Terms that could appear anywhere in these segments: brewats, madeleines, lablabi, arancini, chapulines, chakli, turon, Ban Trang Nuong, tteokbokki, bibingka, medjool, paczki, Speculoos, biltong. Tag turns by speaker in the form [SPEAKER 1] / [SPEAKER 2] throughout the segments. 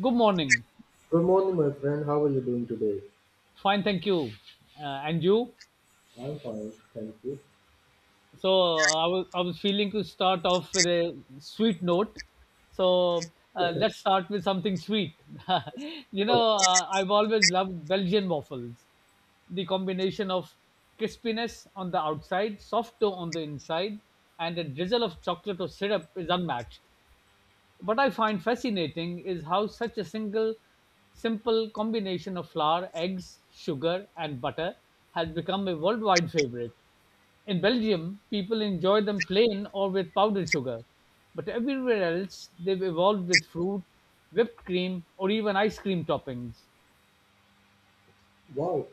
[SPEAKER 1] Good morning.
[SPEAKER 2] Good morning, my friend. How are you doing today?
[SPEAKER 1] Fine, thank you. And you?
[SPEAKER 2] I'm fine, thank you.
[SPEAKER 1] I was feeling to start off with a sweet note. Let's start with something sweet. you
[SPEAKER 2] Oh,
[SPEAKER 1] know, uh, I've always loved Belgian waffles. The combination of crispiness on the outside, soft dough on the inside, and a drizzle of chocolate or syrup is unmatched. What I find fascinating is how such a single simple combination of flour, eggs, sugar, and butter has become a worldwide favorite. In Belgium, people enjoy them plain or with powdered sugar, but everywhere else, they've evolved with fruit, whipped cream, or even ice cream toppings.
[SPEAKER 2] wow,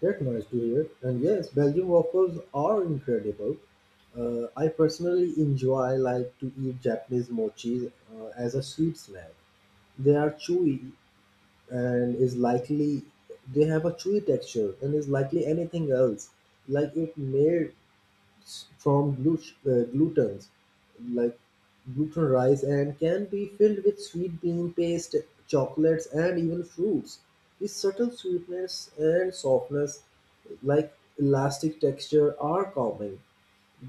[SPEAKER 2] that's nice to hear. And yes, Belgian waffles are incredible. I personally enjoy to eat Japanese mochi as a sweet snack. They are chewy and is likely they have a chewy texture and is likely anything else. Like it made from gluten's like gluten rice, and can be filled with sweet bean paste, chocolates, and even fruits. This subtle sweetness and softness, like elastic texture, are common.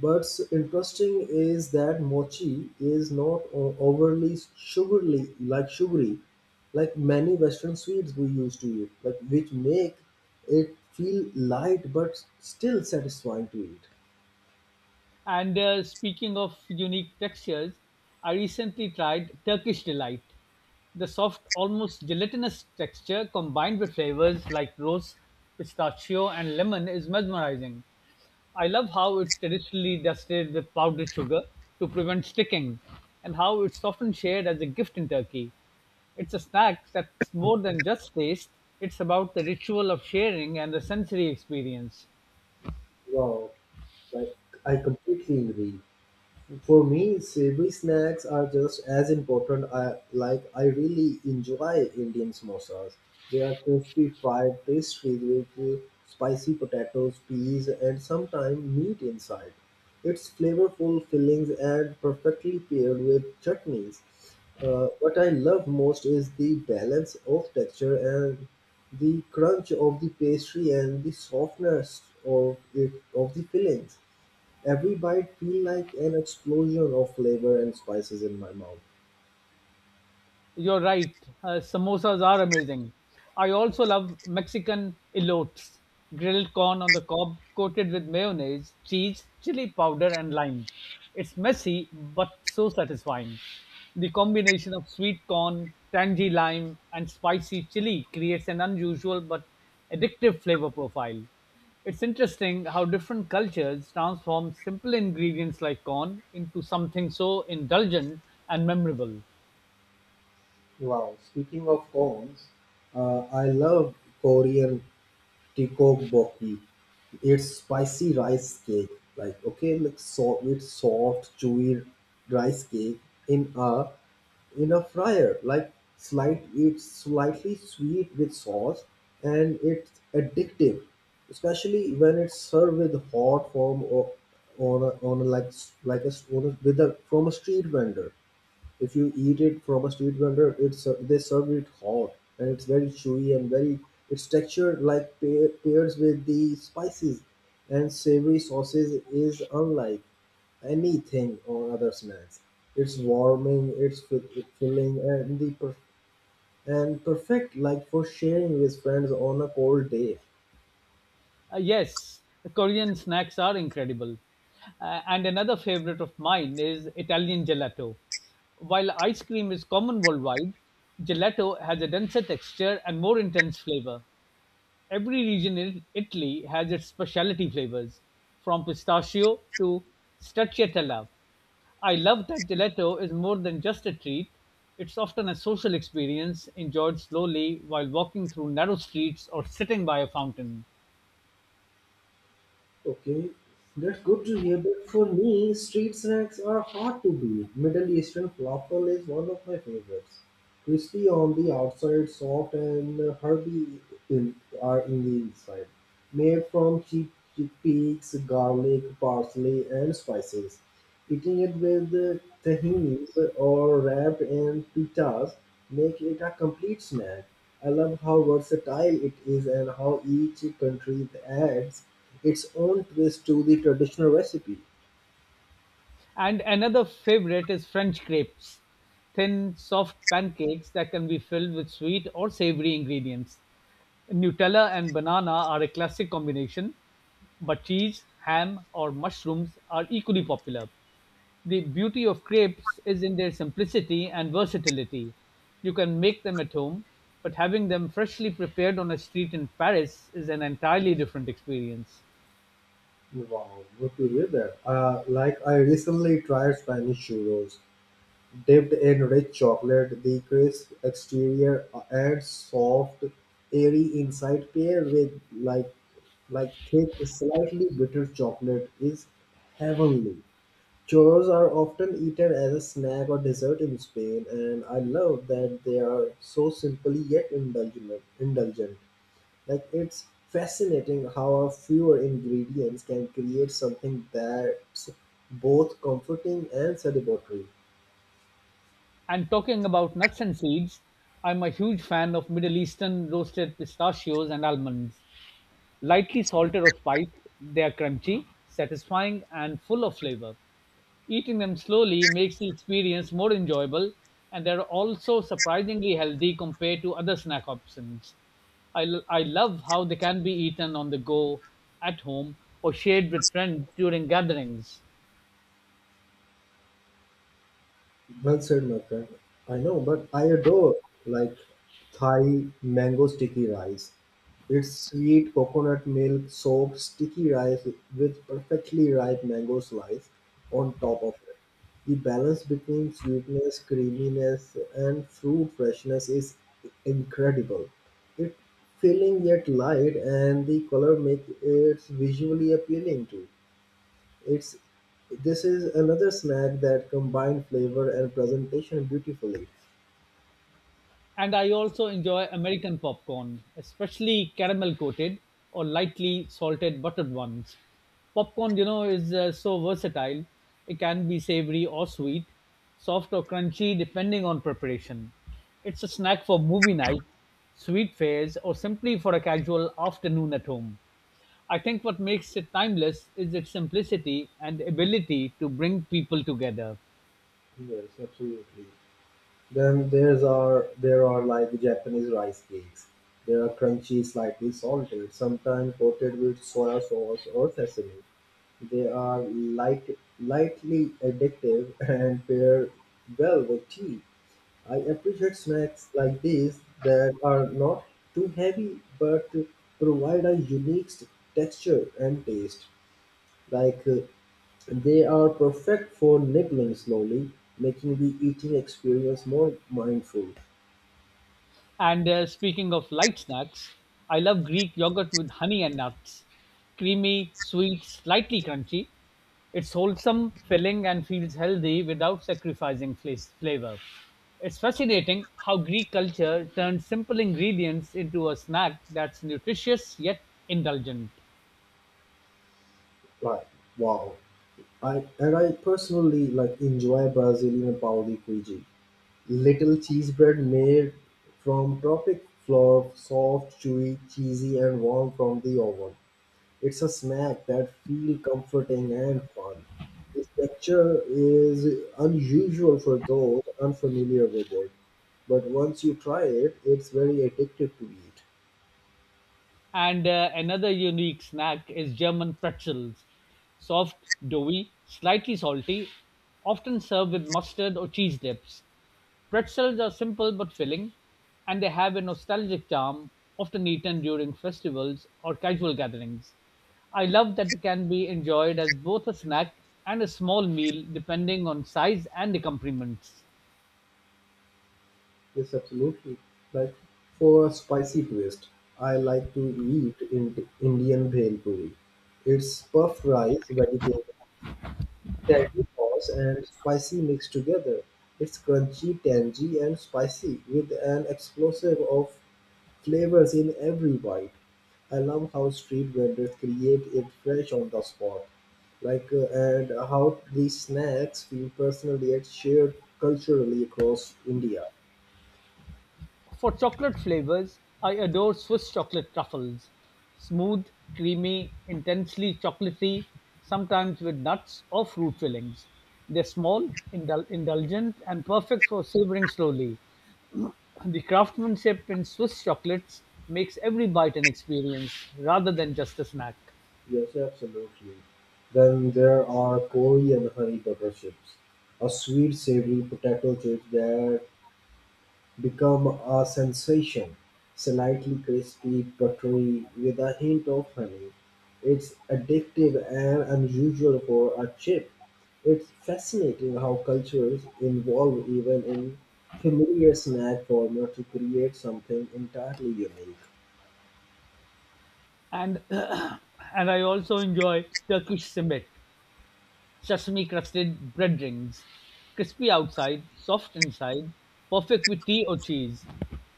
[SPEAKER 2] But interesting is that mochi is not overly sugary, like many Western sweets we used to eat, like which make it feel light but still satisfying to eat.
[SPEAKER 1] And speaking of unique textures, I recently tried Turkish Delight. The soft, almost gelatinous texture combined with flavors like rose, pistachio, and lemon is mesmerizing. I love how it's traditionally dusted with powdered sugar to prevent sticking, and how it's often shared as a gift in Turkey. It's a snack that's more than just taste, it's about the ritual of sharing and the sensory experience.
[SPEAKER 2] Wow. Like, I completely agree. For me, savory snacks are just as important. I like. I really enjoy Indian samosas. They are crispy fried pastries with spicy potatoes, peas, and sometimes meat inside. It's flavorful fillings and perfectly paired with chutneys. What I love most is the balance of texture and the crunch of the pastry and the softness of the fillings. Every bite feel like an explosion of flavor and spices in my mouth.
[SPEAKER 1] You're right. Samosas are amazing. I also love Mexican elotes, grilled corn on the cob, coated with mayonnaise, cheese, chili powder, and lime. It's messy but so satisfying. The combination of sweet corn, tangy lime, and spicy chili creates an unusual but addictive flavor profile. It's interesting how different cultures transform simple ingredients like corn into something so indulgent and memorable.
[SPEAKER 2] Wow, speaking of cones. I love Korean tikok bokki. It's spicy rice cake, so it's soft, chewy rice cake in a in a fryer. It's slightly sweet with sauce, and it's addictive, especially when it's served with hot form or on a like a, on a with a from a street vendor. If you eat it from a street vendor, it's they serve it hot and it's very chewy and very its texture like pairs with the spices and savory sauces is unlike anything on other snacks. It's warming, it's filling, and perfect like for sharing with friends on a cold day.
[SPEAKER 1] Yes, Korean snacks are incredible. And another favorite of mine is Italian gelato. While ice cream is common worldwide, gelato has a denser texture and more intense flavor. Every region in Italy has its specialty flavors, from pistachio to stracciatella. I love that gelato is more than just a treat. It's often a social experience enjoyed slowly while walking through narrow streets or sitting by a fountain.
[SPEAKER 2] Okay, that's good to hear. But for me, street snacks are hard to beat. Middle Eastern falafel is one of my favorites. Crispy on the outside, soft and herby in, in the inside. Made from cheap chickpeas, garlic, parsley, and spices. Eating it with tahinis or wrapped in pitas make it a complete snack. I love how versatile it is and how each country adds its own twist to the traditional recipe.
[SPEAKER 1] And another favorite is French crepes, thin, soft pancakes that can be filled with sweet or savory ingredients. Nutella and banana are a classic combination, but cheese, ham, or mushrooms are equally popular. The beauty of crepes is in their simplicity and versatility. You can make them at home, but having them freshly prepared on a street in Paris is an entirely different experience.
[SPEAKER 2] Wow, good to hear that. I recently tried Spanish churros, dipped in rich chocolate, the crisp exterior and soft, airy inside, paired with thick, slightly bitter chocolate is heavenly. Churros are often eaten as a snack or dessert in Spain, and I love that they are so simply yet Indulgent. Like it's fascinating how a few ingredients can create something that's both comforting and celebratory.
[SPEAKER 1] And talking about nuts and seeds, I'm a huge fan of Middle Eastern roasted pistachios and almonds. Lightly salted or spiced, they are crunchy, satisfying, and full of flavor. Eating them slowly makes the experience more enjoyable, and they're also surprisingly healthy compared to other snack options. I love how they can be eaten on the go, at home, or shared with friends during gatherings.
[SPEAKER 2] Well said, my friend. I know, but I adore like Thai mango sticky rice. It's sweet coconut milk soaked sticky rice with perfectly ripe mango slice on top of it. The balance between sweetness, creaminess, and fruit freshness is incredible. It filling yet light, and the color makes it visually appealing too. It's This is another snack that combine flavor and presentation beautifully.
[SPEAKER 1] And I also enjoy American popcorn, especially caramel coated or lightly salted buttered ones. Popcorn, you know, is so versatile. It can be savory or sweet, soft or crunchy, depending on preparation. It's a snack for movie night, sweet fairs, or simply for a casual afternoon at home. I think what makes it timeless is its simplicity and ability to bring people together.
[SPEAKER 2] Yes, absolutely. Then there's are There are like Japanese rice cakes. They are crunchy, slightly salted, sometimes coated with soy sauce or sesame. Lightly addictive and pair well with tea. I appreciate snacks like these that are not too heavy but provide a unique texture and taste. Like uh, they are perfect for nibbling slowly, making the eating experience more mindful.
[SPEAKER 1] And speaking of light snacks, I love Greek yogurt with honey and nuts. Creamy, sweet, slightly crunchy. It's wholesome, filling, and feels healthy without sacrificing flavor. It's fascinating how Greek culture turns simple ingredients into a snack that's nutritious yet indulgent.
[SPEAKER 2] Like wow, I personally like enjoy Brazilian pão de queijo, little cheese bread made from tropic flour, soft, chewy, cheesy, and warm from the oven. It's a snack that feels comforting and fun. This texture is unusual for those unfamiliar with it. But once you try it, it's very addictive to eat.
[SPEAKER 1] And another unique snack is German pretzels, soft, doughy, slightly salty, often served with mustard or cheese dips. Pretzels are simple but filling, and they have a nostalgic charm, often eaten during festivals or casual gatherings. I love that they can be enjoyed as both a snack and a small meal, depending on size and accompaniments.
[SPEAKER 2] Yes, absolutely. Like for a spicy twist, I like to eat in Indian bhel puri. It's puffed rice, vegetable, tangy sauce, and spicy mixed together. It's crunchy, tangy, and spicy with an explosive of flavors in every bite. I love how street vendors create it fresh on the spot. And how these snacks feel personal yet shared culturally across India.
[SPEAKER 1] For chocolate flavors, I adore Swiss chocolate truffles. Smooth, creamy, intensely chocolatey, sometimes with nuts or fruit fillings. They're small, indulgent, and perfect for savoring slowly. The craftsmanship in Swiss chocolates makes every bite an experience rather than just a snack.
[SPEAKER 2] Yes, absolutely. Then there are Korean honey butter chips, a sweet savory potato chip that become a sensation. Slightly crispy, buttery, with a hint of honey. It's addictive and unusual for a chip. It's fascinating how cultures evolve even in familiar snack format to create something entirely unique.
[SPEAKER 1] And and I also enjoy Turkish simit, sesame crusted bread rings. Crispy outside, soft inside, perfect with tea or cheese.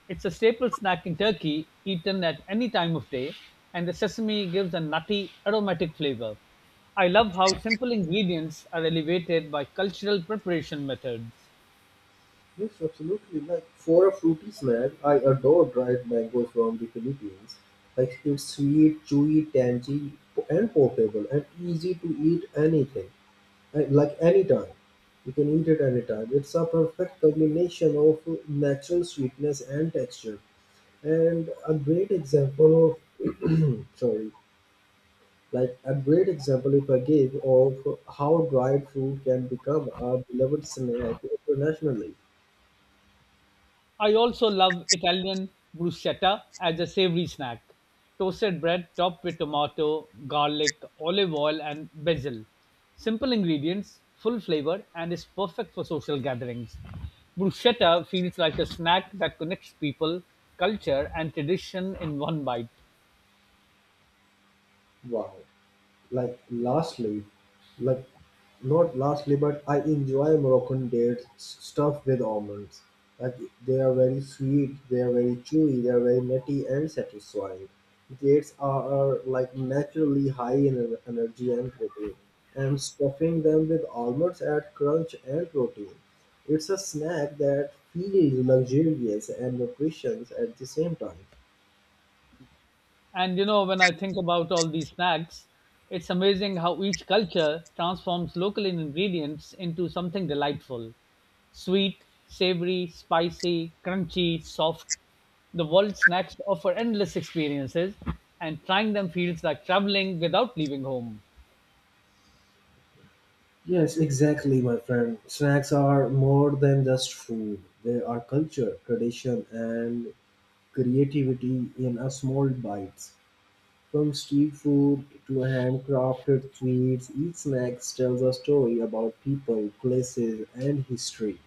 [SPEAKER 1] It's a staple snack in Turkey, eaten at any time of day, and the sesame gives a nutty, aromatic flavor. I love how simple ingredients are elevated by cultural preparation methods.
[SPEAKER 2] Yes, absolutely. Like for a fruity snack, I adore dried mangoes from the Philippines. Like it's sweet, chewy, tangy, and portable, and easy to eat anything. Anytime. You can eat it anytime. It's a perfect combination of natural sweetness and texture. And of, sorry, a great example if I give of how dried fruit can become a beloved snack internationally.
[SPEAKER 1] I also love Italian bruschetta as a savory snack. Toasted bread topped with tomato, garlic, olive oil, and basil. Simple ingredients, full flavor, and is perfect for social gatherings. Bruschetta feels like a snack that connects people, culture, and tradition in one bite.
[SPEAKER 2] Wow. Like lastly, like Not lastly, but I enjoy Moroccan dates stuffed with almonds. Like they are very sweet, they are very chewy, they are very nutty and satisfying. Are like naturally high in energy and protein, and stuffing them with almonds add crunch and protein. It's a snack that feels luxurious and nutritious at the same time.
[SPEAKER 1] And you know, when I think about all these snacks, it's amazing how each culture transforms local ingredients into something delightful sweet, savory, spicy, crunchy, soft. The world's snacks offer endless experiences, and trying them feels like traveling without leaving home.
[SPEAKER 2] Yes, exactly, my friend. Snacks are more than just food. They are culture, tradition, and creativity in a small bites. From street food to handcrafted sweets, each snack tells a story about people, places, and history.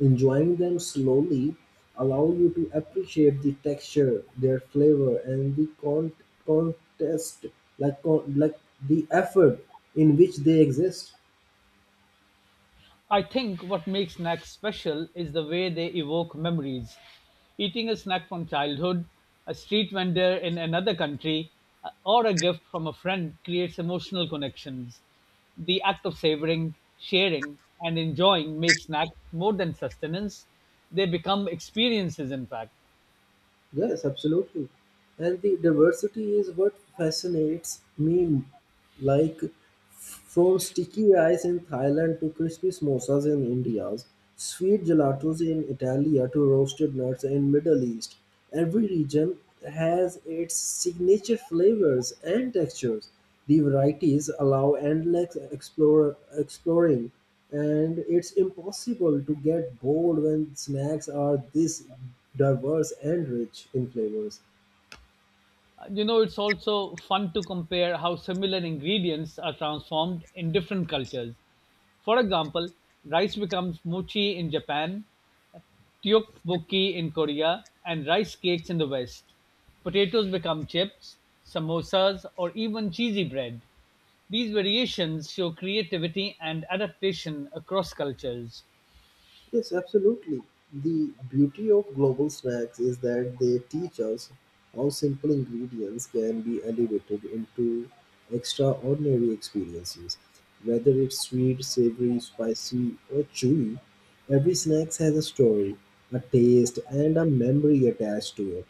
[SPEAKER 2] Enjoying them slowly allow you to appreciate the texture, their flavor, and the con- contest, like, con- like the effort in which they exist.
[SPEAKER 1] I think what makes snacks special is the way they evoke memories. Eating a snack from childhood, a street vendor in another country, or a gift from a friend creates emotional connections. The act of savoring, sharing, and enjoying makes snacks more than sustenance. They become experiences, in fact.
[SPEAKER 2] Yes, absolutely. And the diversity is what fascinates me, like from sticky rice in Thailand to crispy samosas in India, sweet gelatos in Italy to roasted nuts in Middle East. Every region has its signature flavors and textures. The varieties allow exploring, and it's impossible to get bored when snacks are this diverse and rich in flavors.
[SPEAKER 1] You know, it's also fun to compare how similar ingredients are transformed in different cultures. For example, rice becomes mochi in Japan tteokbokki in Korea, and rice cakes in the West. Potatoes become chips, samosas, or even cheesy bread. These variations show creativity and adaptation across cultures.
[SPEAKER 2] Yes, absolutely. The beauty of global snacks is that they teach us how simple ingredients can be elevated into extraordinary experiences. Whether it's sweet, savory, spicy, or chewy, every snack has a story, a taste, and a memory attached to it.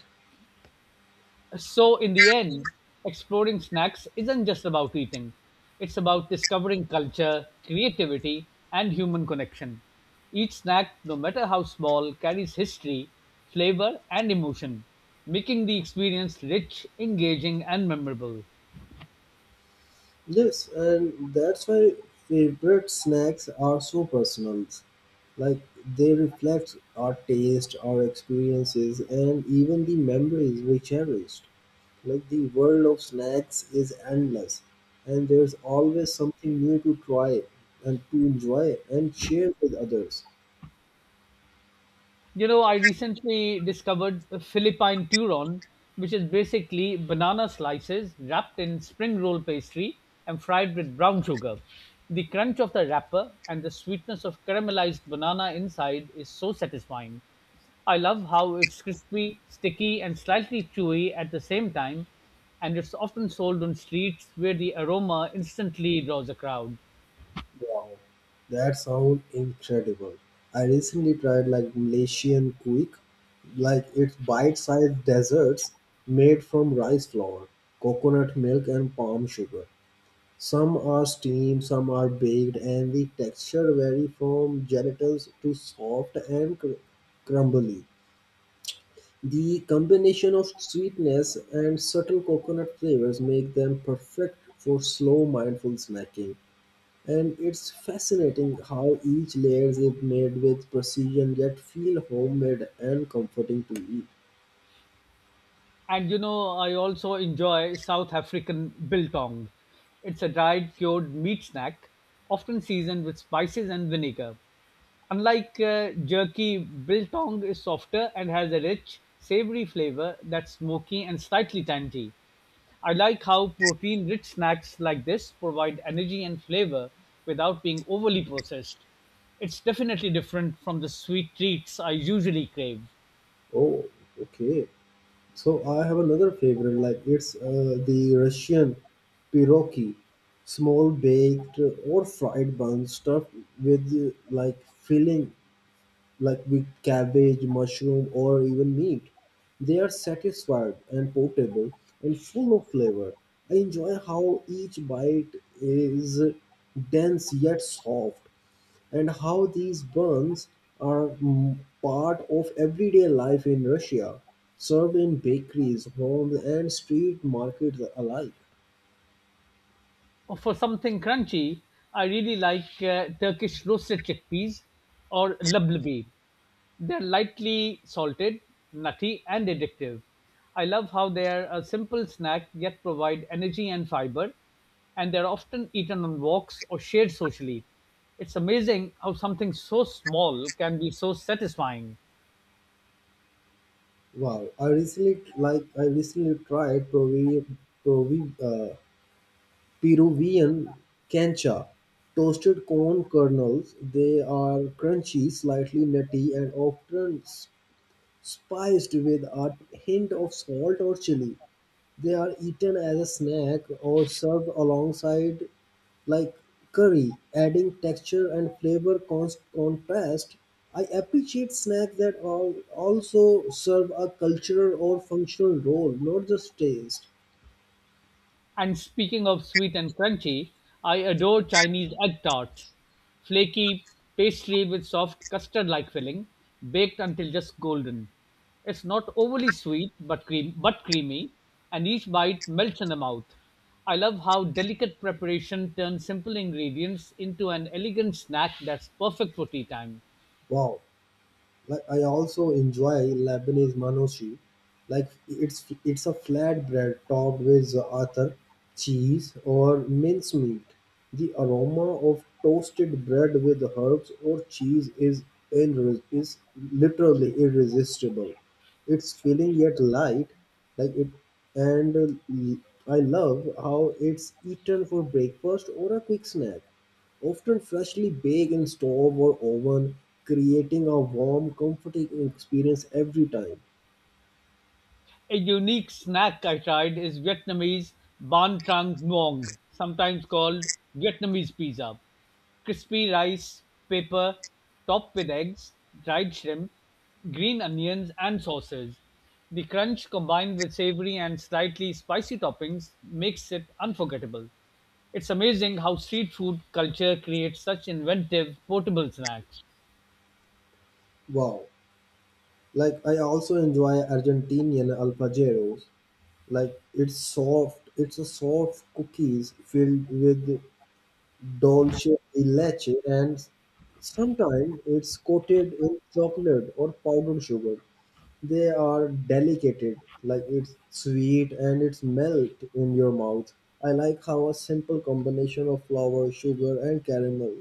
[SPEAKER 1] So, in the end, exploring snacks isn't just about eating, it's about discovering culture, creativity, and human connection. Each snack, no matter how small, carries history, flavor, and emotion, making the experience rich, engaging, and memorable.
[SPEAKER 2] Yes, and that's why favorite snacks are so personal. like they reflect our taste, our experiences, and even the memories we cherished. The world of snacks is endless, and there's always something new to try and to enjoy and share with others.
[SPEAKER 1] You know, I recently discovered a Philippine turon, which is basically banana slices wrapped in spring roll pastry and fried with brown sugar. The crunch of the wrapper and the sweetness of caramelized banana inside is so satisfying. I love how it's crispy, sticky, and slightly chewy at the same time, and it's often sold on streets where the aroma instantly draws a crowd.
[SPEAKER 2] Wow, that sounds incredible. I recently tried Malaysian quick, it's bite-sized desserts made from rice flour, coconut milk, and palm sugar. Some are steamed, some are baked, and the texture vary from gelatinous to soft and crumbly. The combination of sweetness and subtle coconut flavors make them perfect for slow, mindful snacking. And it's fascinating how each layer is made with precision yet feel homemade and comforting to eat.
[SPEAKER 1] And you know, I also enjoy South African biltong. It's a dried cured meat snack, often seasoned with spices and vinegar. Unlike jerky, biltong is softer and has a rich, savory flavor that's smoky and slightly tangy. I like how protein rich snacks like this provide energy and flavor without being overly processed. It's definitely different from the sweet treats I usually crave.
[SPEAKER 2] Oh, okay. So I have another favorite, like it's the Russian pierogi, small baked or fried bun stuffed with filling, like with cabbage, mushroom, or even meat. They are satisfied and portable and full of flavor. I enjoy how each bite is dense yet soft, and how these buns are part of everyday life in Russia, served in bakeries, homes, and street markets alike.
[SPEAKER 1] For something crunchy, I really like Turkish roasted chickpeas or lablabi. They're lightly salted, nutty, and addictive. I love how they're a simple snack yet provide energy and fiber, and they're often eaten on walks or shared socially. It's amazing how something so small can be so satisfying.
[SPEAKER 2] Wow, I recently tried Provi, uh, Peruvian cancha, toasted corn kernels. They are crunchy, slightly nutty, and often spiced with a hint of salt or chili. They are eaten as a snack or served alongside like curry, adding texture and flavor contrast. I appreciate snacks that also serve a cultural or functional role, not just taste.
[SPEAKER 1] And speaking of sweet and crunchy, I adore Chinese egg tarts. Flaky pastry with soft custard like filling, baked until just golden. It's not overly sweet but cream but creamy, and each bite melts in the mouth. I love how delicate preparation turns simple ingredients into an elegant snack that's perfect for tea time.
[SPEAKER 2] Wow. Like I also enjoy Lebanese manoshi, it's a flatbread topped with other cheese or mincemeat. The aroma of toasted bread with herbs or cheese is literally irresistible. It's filling yet light, like it, and I love how it's eaten for breakfast or a quick snack. Often freshly baked in stove or oven, creating a warm, comforting experience every time.
[SPEAKER 1] A unique snack I tried is Vietnamese Ban Trang Nuong, sometimes called Vietnamese pizza. Crispy rice, paper, topped with eggs, dried shrimp, green onions, and sauces. The crunch combined with savory and slightly spicy toppings makes it unforgettable. It's amazing how street food culture creates such inventive, portable snacks.
[SPEAKER 2] Wow. Like I also enjoy Argentinian alfajeros. It's a soft cookies filled with dulce de leche and sometimes it's coated in chocolate or powdered sugar. They are delicate, like it's sweet and it's melt in your mouth. I like how a simple combination of flour, sugar, and caramel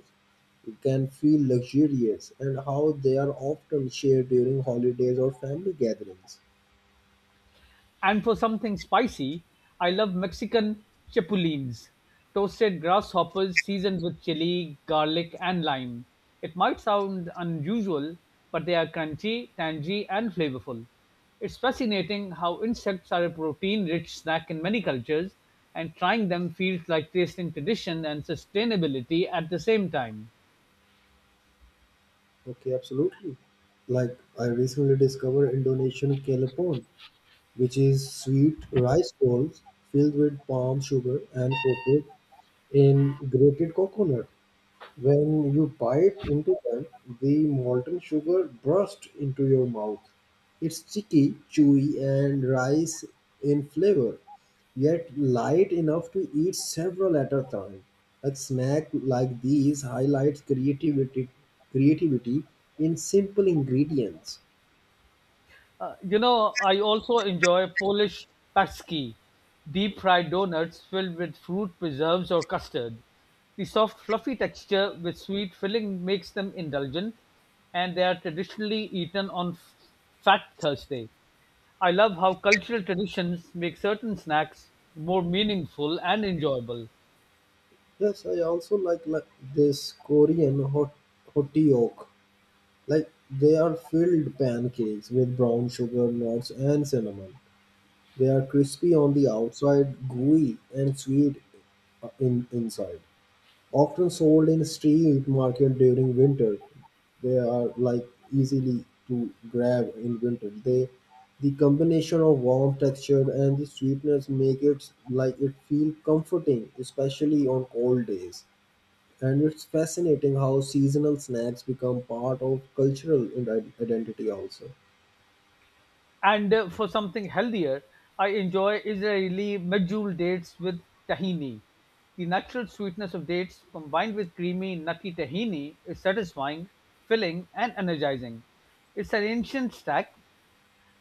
[SPEAKER 2] can feel luxurious and how they are often shared during holidays or family gatherings.
[SPEAKER 1] And for something spicy, I love Mexican chapulines, toasted grasshoppers seasoned with chili, garlic, and lime. It might sound unusual, but they are crunchy, tangy, and flavorful. It's fascinating how insects are a protein rich snack in many cultures, and trying them feels like tasting tradition and sustainability at the same time.
[SPEAKER 2] Okay, absolutely. Like I recently discovered Indonesian kelepon, which is sweet rice balls filled with palm sugar and coated in grated coconut. When you bite into them, the molten sugar bursts into your mouth. It's sticky, chewy, and rice in flavor, yet light enough to eat several at a time. A snack like creativity in simple ingredients.
[SPEAKER 1] You know, I also enjoy Polish paczki, deep fried donuts filled with fruit preserves or custard. The soft, fluffy texture with sweet filling makes them indulgent, and they are traditionally eaten on Fat Thursday. I love how cultural traditions make certain snacks more meaningful and enjoyable.
[SPEAKER 2] Yes, I also like, this Korean hoteok. Like they are filled pancakes with brown sugar, nuts, and cinnamon. They are crispy on the outside, gooey and sweet in inside. Often sold in street market during winter, they are like easily to grab in winter. They the combination of warm texture and the sweetness make it like it feel comforting, especially on cold days. And it's fascinating how seasonal snacks become part of cultural identity also.
[SPEAKER 1] And for something healthier, I enjoy Israeli medjool dates with tahini. The natural sweetness of dates combined with creamy, nutty tahini is satisfying, filling, and energizing. It's an ancient snack,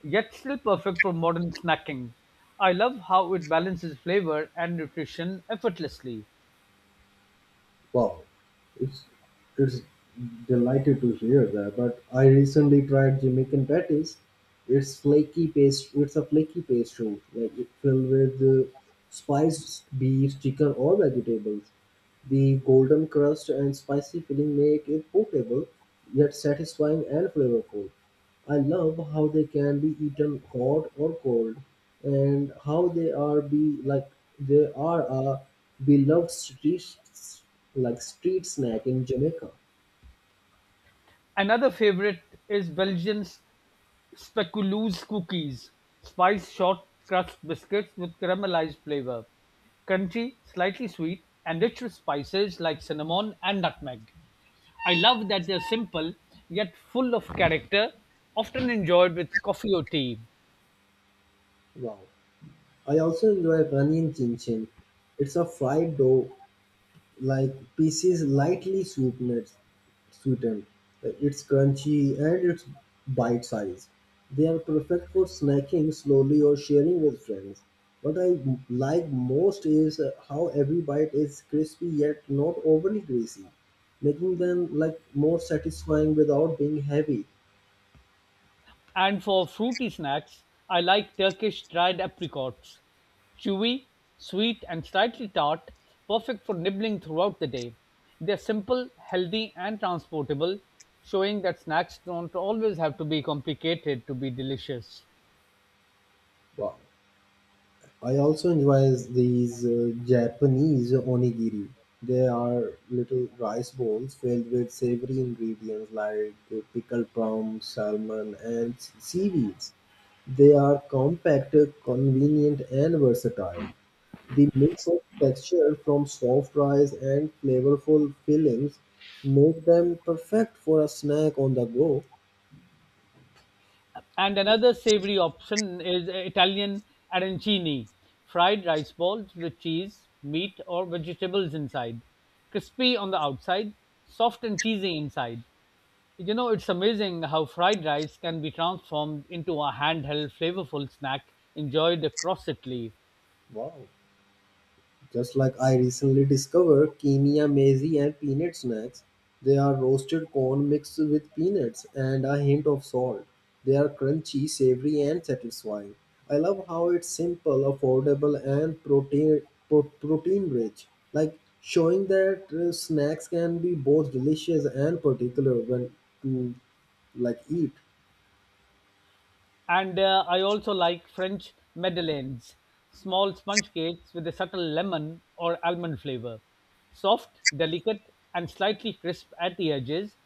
[SPEAKER 1] yet still perfect for modern snacking. I love how it balances flavor and nutrition effortlessly.
[SPEAKER 2] Wow, it's it's delighted to hear that. But I recently tried Jamaican patties. It's flaky paste. It's a flaky pastry, like it filled with spiced beef, chicken, or vegetables. The golden crust and spicy filling make it portable, yet satisfying and flavorful. I love how they can be eaten hot or cold, and how they are be like they are a we loved streets like street snack in Jamaica.
[SPEAKER 1] Another favorite is Belgians Speculoos cookies, spice short crust biscuits with caramelized flavor, crunchy, slightly sweet, and rich with spices like cinnamon and nutmeg. I love that they're simple yet full of character, often enjoyed with coffee or tea.
[SPEAKER 2] Wow. I also enjoy running chin chin. It's a fried dough like pieces lightly sweetened. Like, it's crunchy and it's bite sized. They are perfect for snacking slowly or sharing with friends. What like most is how every bite is crispy yet not overly greasy, making them like more satisfying without being heavy.
[SPEAKER 1] And for fruity snacks, I like Turkish dried apricots. Chewy, sweet, and slightly tart, perfect for nibbling throughout the day. They're simple, healthy, and transportable, showing that snacks don't always have to be complicated to be delicious.
[SPEAKER 2] Wow. I also enjoy these Japanese onigiri. They are little rice balls filled with savory ingredients like pickled plum, salmon, and seaweeds. They are compact, convenient, and versatile. The mix of texture from soft rice and flavorful fillings make them perfect for a snack on the go.
[SPEAKER 1] And another savory option is Italian arancini, fried rice balls with cheese, meat, or vegetables inside. Crispy on the outside, soft and cheesy inside. You know, it's amazing how fried rice can be transformed into a handheld, flavorful snack enjoyed across Italy.
[SPEAKER 2] Wow. Just like I recently discovered Kenya maize and peanut snacks. They are roasted corn mixed with peanuts and a hint of salt. They are crunchy, savory, and satisfying. I love how it's simple, affordable, and protein rich. Like showing that snacks can be both delicious and particular when to like eat.
[SPEAKER 1] And I also like French madeleines, small sponge cakes with a subtle lemon or almond flavor. Soft, delicate, and slightly crisp at the edges,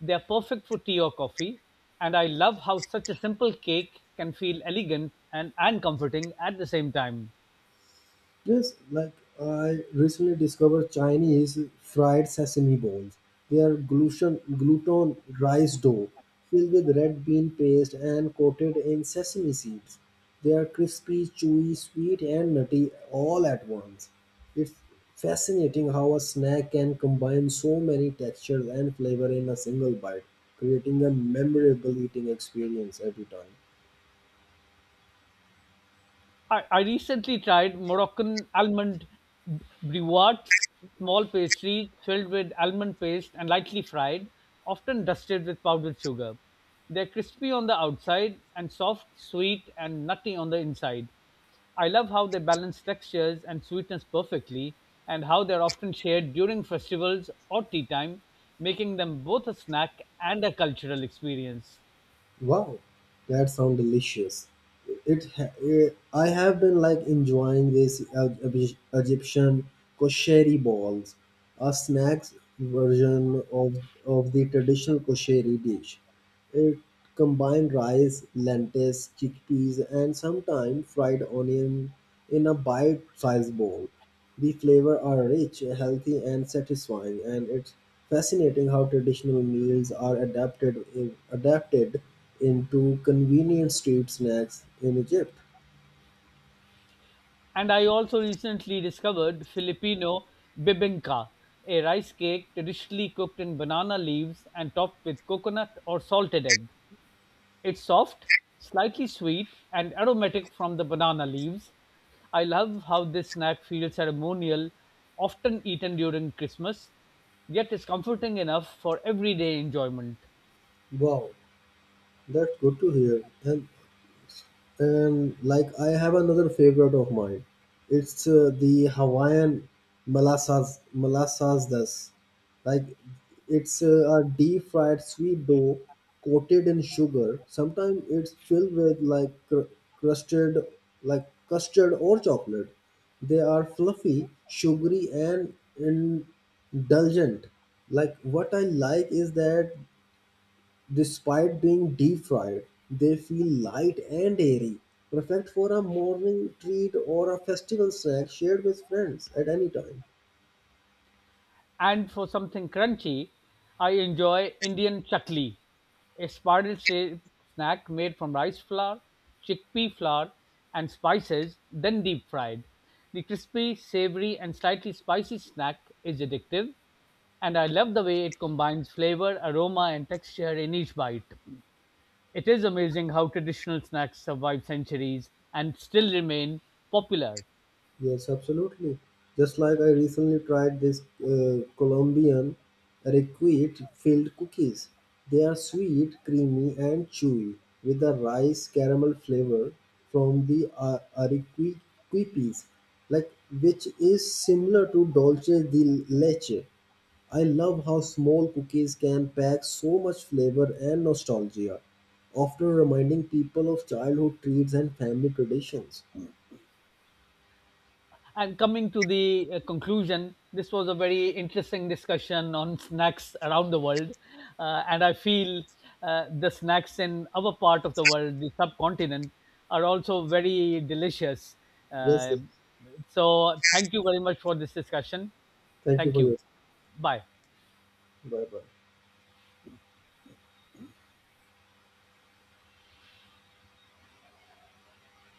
[SPEAKER 1] they are perfect for tea or coffee. And I love how such a simple cake can feel elegant and comforting at the same time.
[SPEAKER 2] Yes, like I recently discovered Chinese fried sesame balls. They are gluten rice dough filled with red bean paste and coated in sesame seeds. They are crispy, chewy, sweet, and nutty all at once. It's fascinating how a snack can combine so many textures and flavor in a single bite, creating a memorable eating experience every time.
[SPEAKER 1] I recently tried Moroccan almond brewats, small pastries filled with almond paste and lightly fried, often dusted with powdered sugar. They're crispy on the outside and soft, sweet, and nutty on the inside. I love how they balance textures and sweetness perfectly, and how they're often shared during festivals or tea time, making them both a snack and a cultural experience.
[SPEAKER 2] Wow, that sounds delicious. I have been like enjoying this Egyptian kosheri balls, a snacks version of the traditional kosheri dish. It combines rice, lentils, chickpeas, and sometimes fried onion in a bite-sized bowl. The flavor are rich, healthy, and satisfying, and it's fascinating how traditional meals are adapted into convenient street snacks in Egypt.
[SPEAKER 1] And I also recently discovered Filipino bibingka, a rice cake traditionally cooked in banana leaves and topped with coconut or salted egg. It's soft, slightly sweet, and aromatic from the banana leaves. I love how this snack feels ceremonial, often eaten during Christmas, yet is comforting enough for everyday enjoyment.
[SPEAKER 2] Wow, that's good to hear. And like I have another favorite of mine. It's the Hawaiian molasses das. Like it's a deep fried sweet dough coated in sugar. Sometimes it's filled with like crusted like custard or chocolate. They are fluffy, sugary and indulgent. Like what I like is that despite being deep fried, they feel light and airy, perfect for a morning treat or a festival snack shared with friends at any time.
[SPEAKER 1] And for something crunchy, I enjoy Indian chakli, a spiral shaped snack made from rice flour, chickpea flour, and spices, then deep fried. The crispy, savory, and slightly spicy snack is addictive, and I love the way it combines flavor, aroma, and texture in each bite. It is amazing how traditional snacks survive centuries and still remain popular.
[SPEAKER 2] Yes, absolutely. Just like I recently tried this Colombian requite filled cookies. They are sweet, creamy, and chewy with a rice caramel flavor from the arequipe, like which is similar to dolce de leche. I love how small cookies can pack so much flavor and nostalgia, often reminding people of childhood treats and family traditions.
[SPEAKER 1] I'm coming to the conclusion, this was a very interesting discussion on snacks around the world. And I feel the snacks in our part of the world, the subcontinent, are also very delicious.
[SPEAKER 2] Yes,
[SPEAKER 1] Uh, so, thank you very much for this discussion.
[SPEAKER 2] thank you
[SPEAKER 1] Thank
[SPEAKER 2] for your.
[SPEAKER 1] you. Bye.
[SPEAKER 2] Bye bye.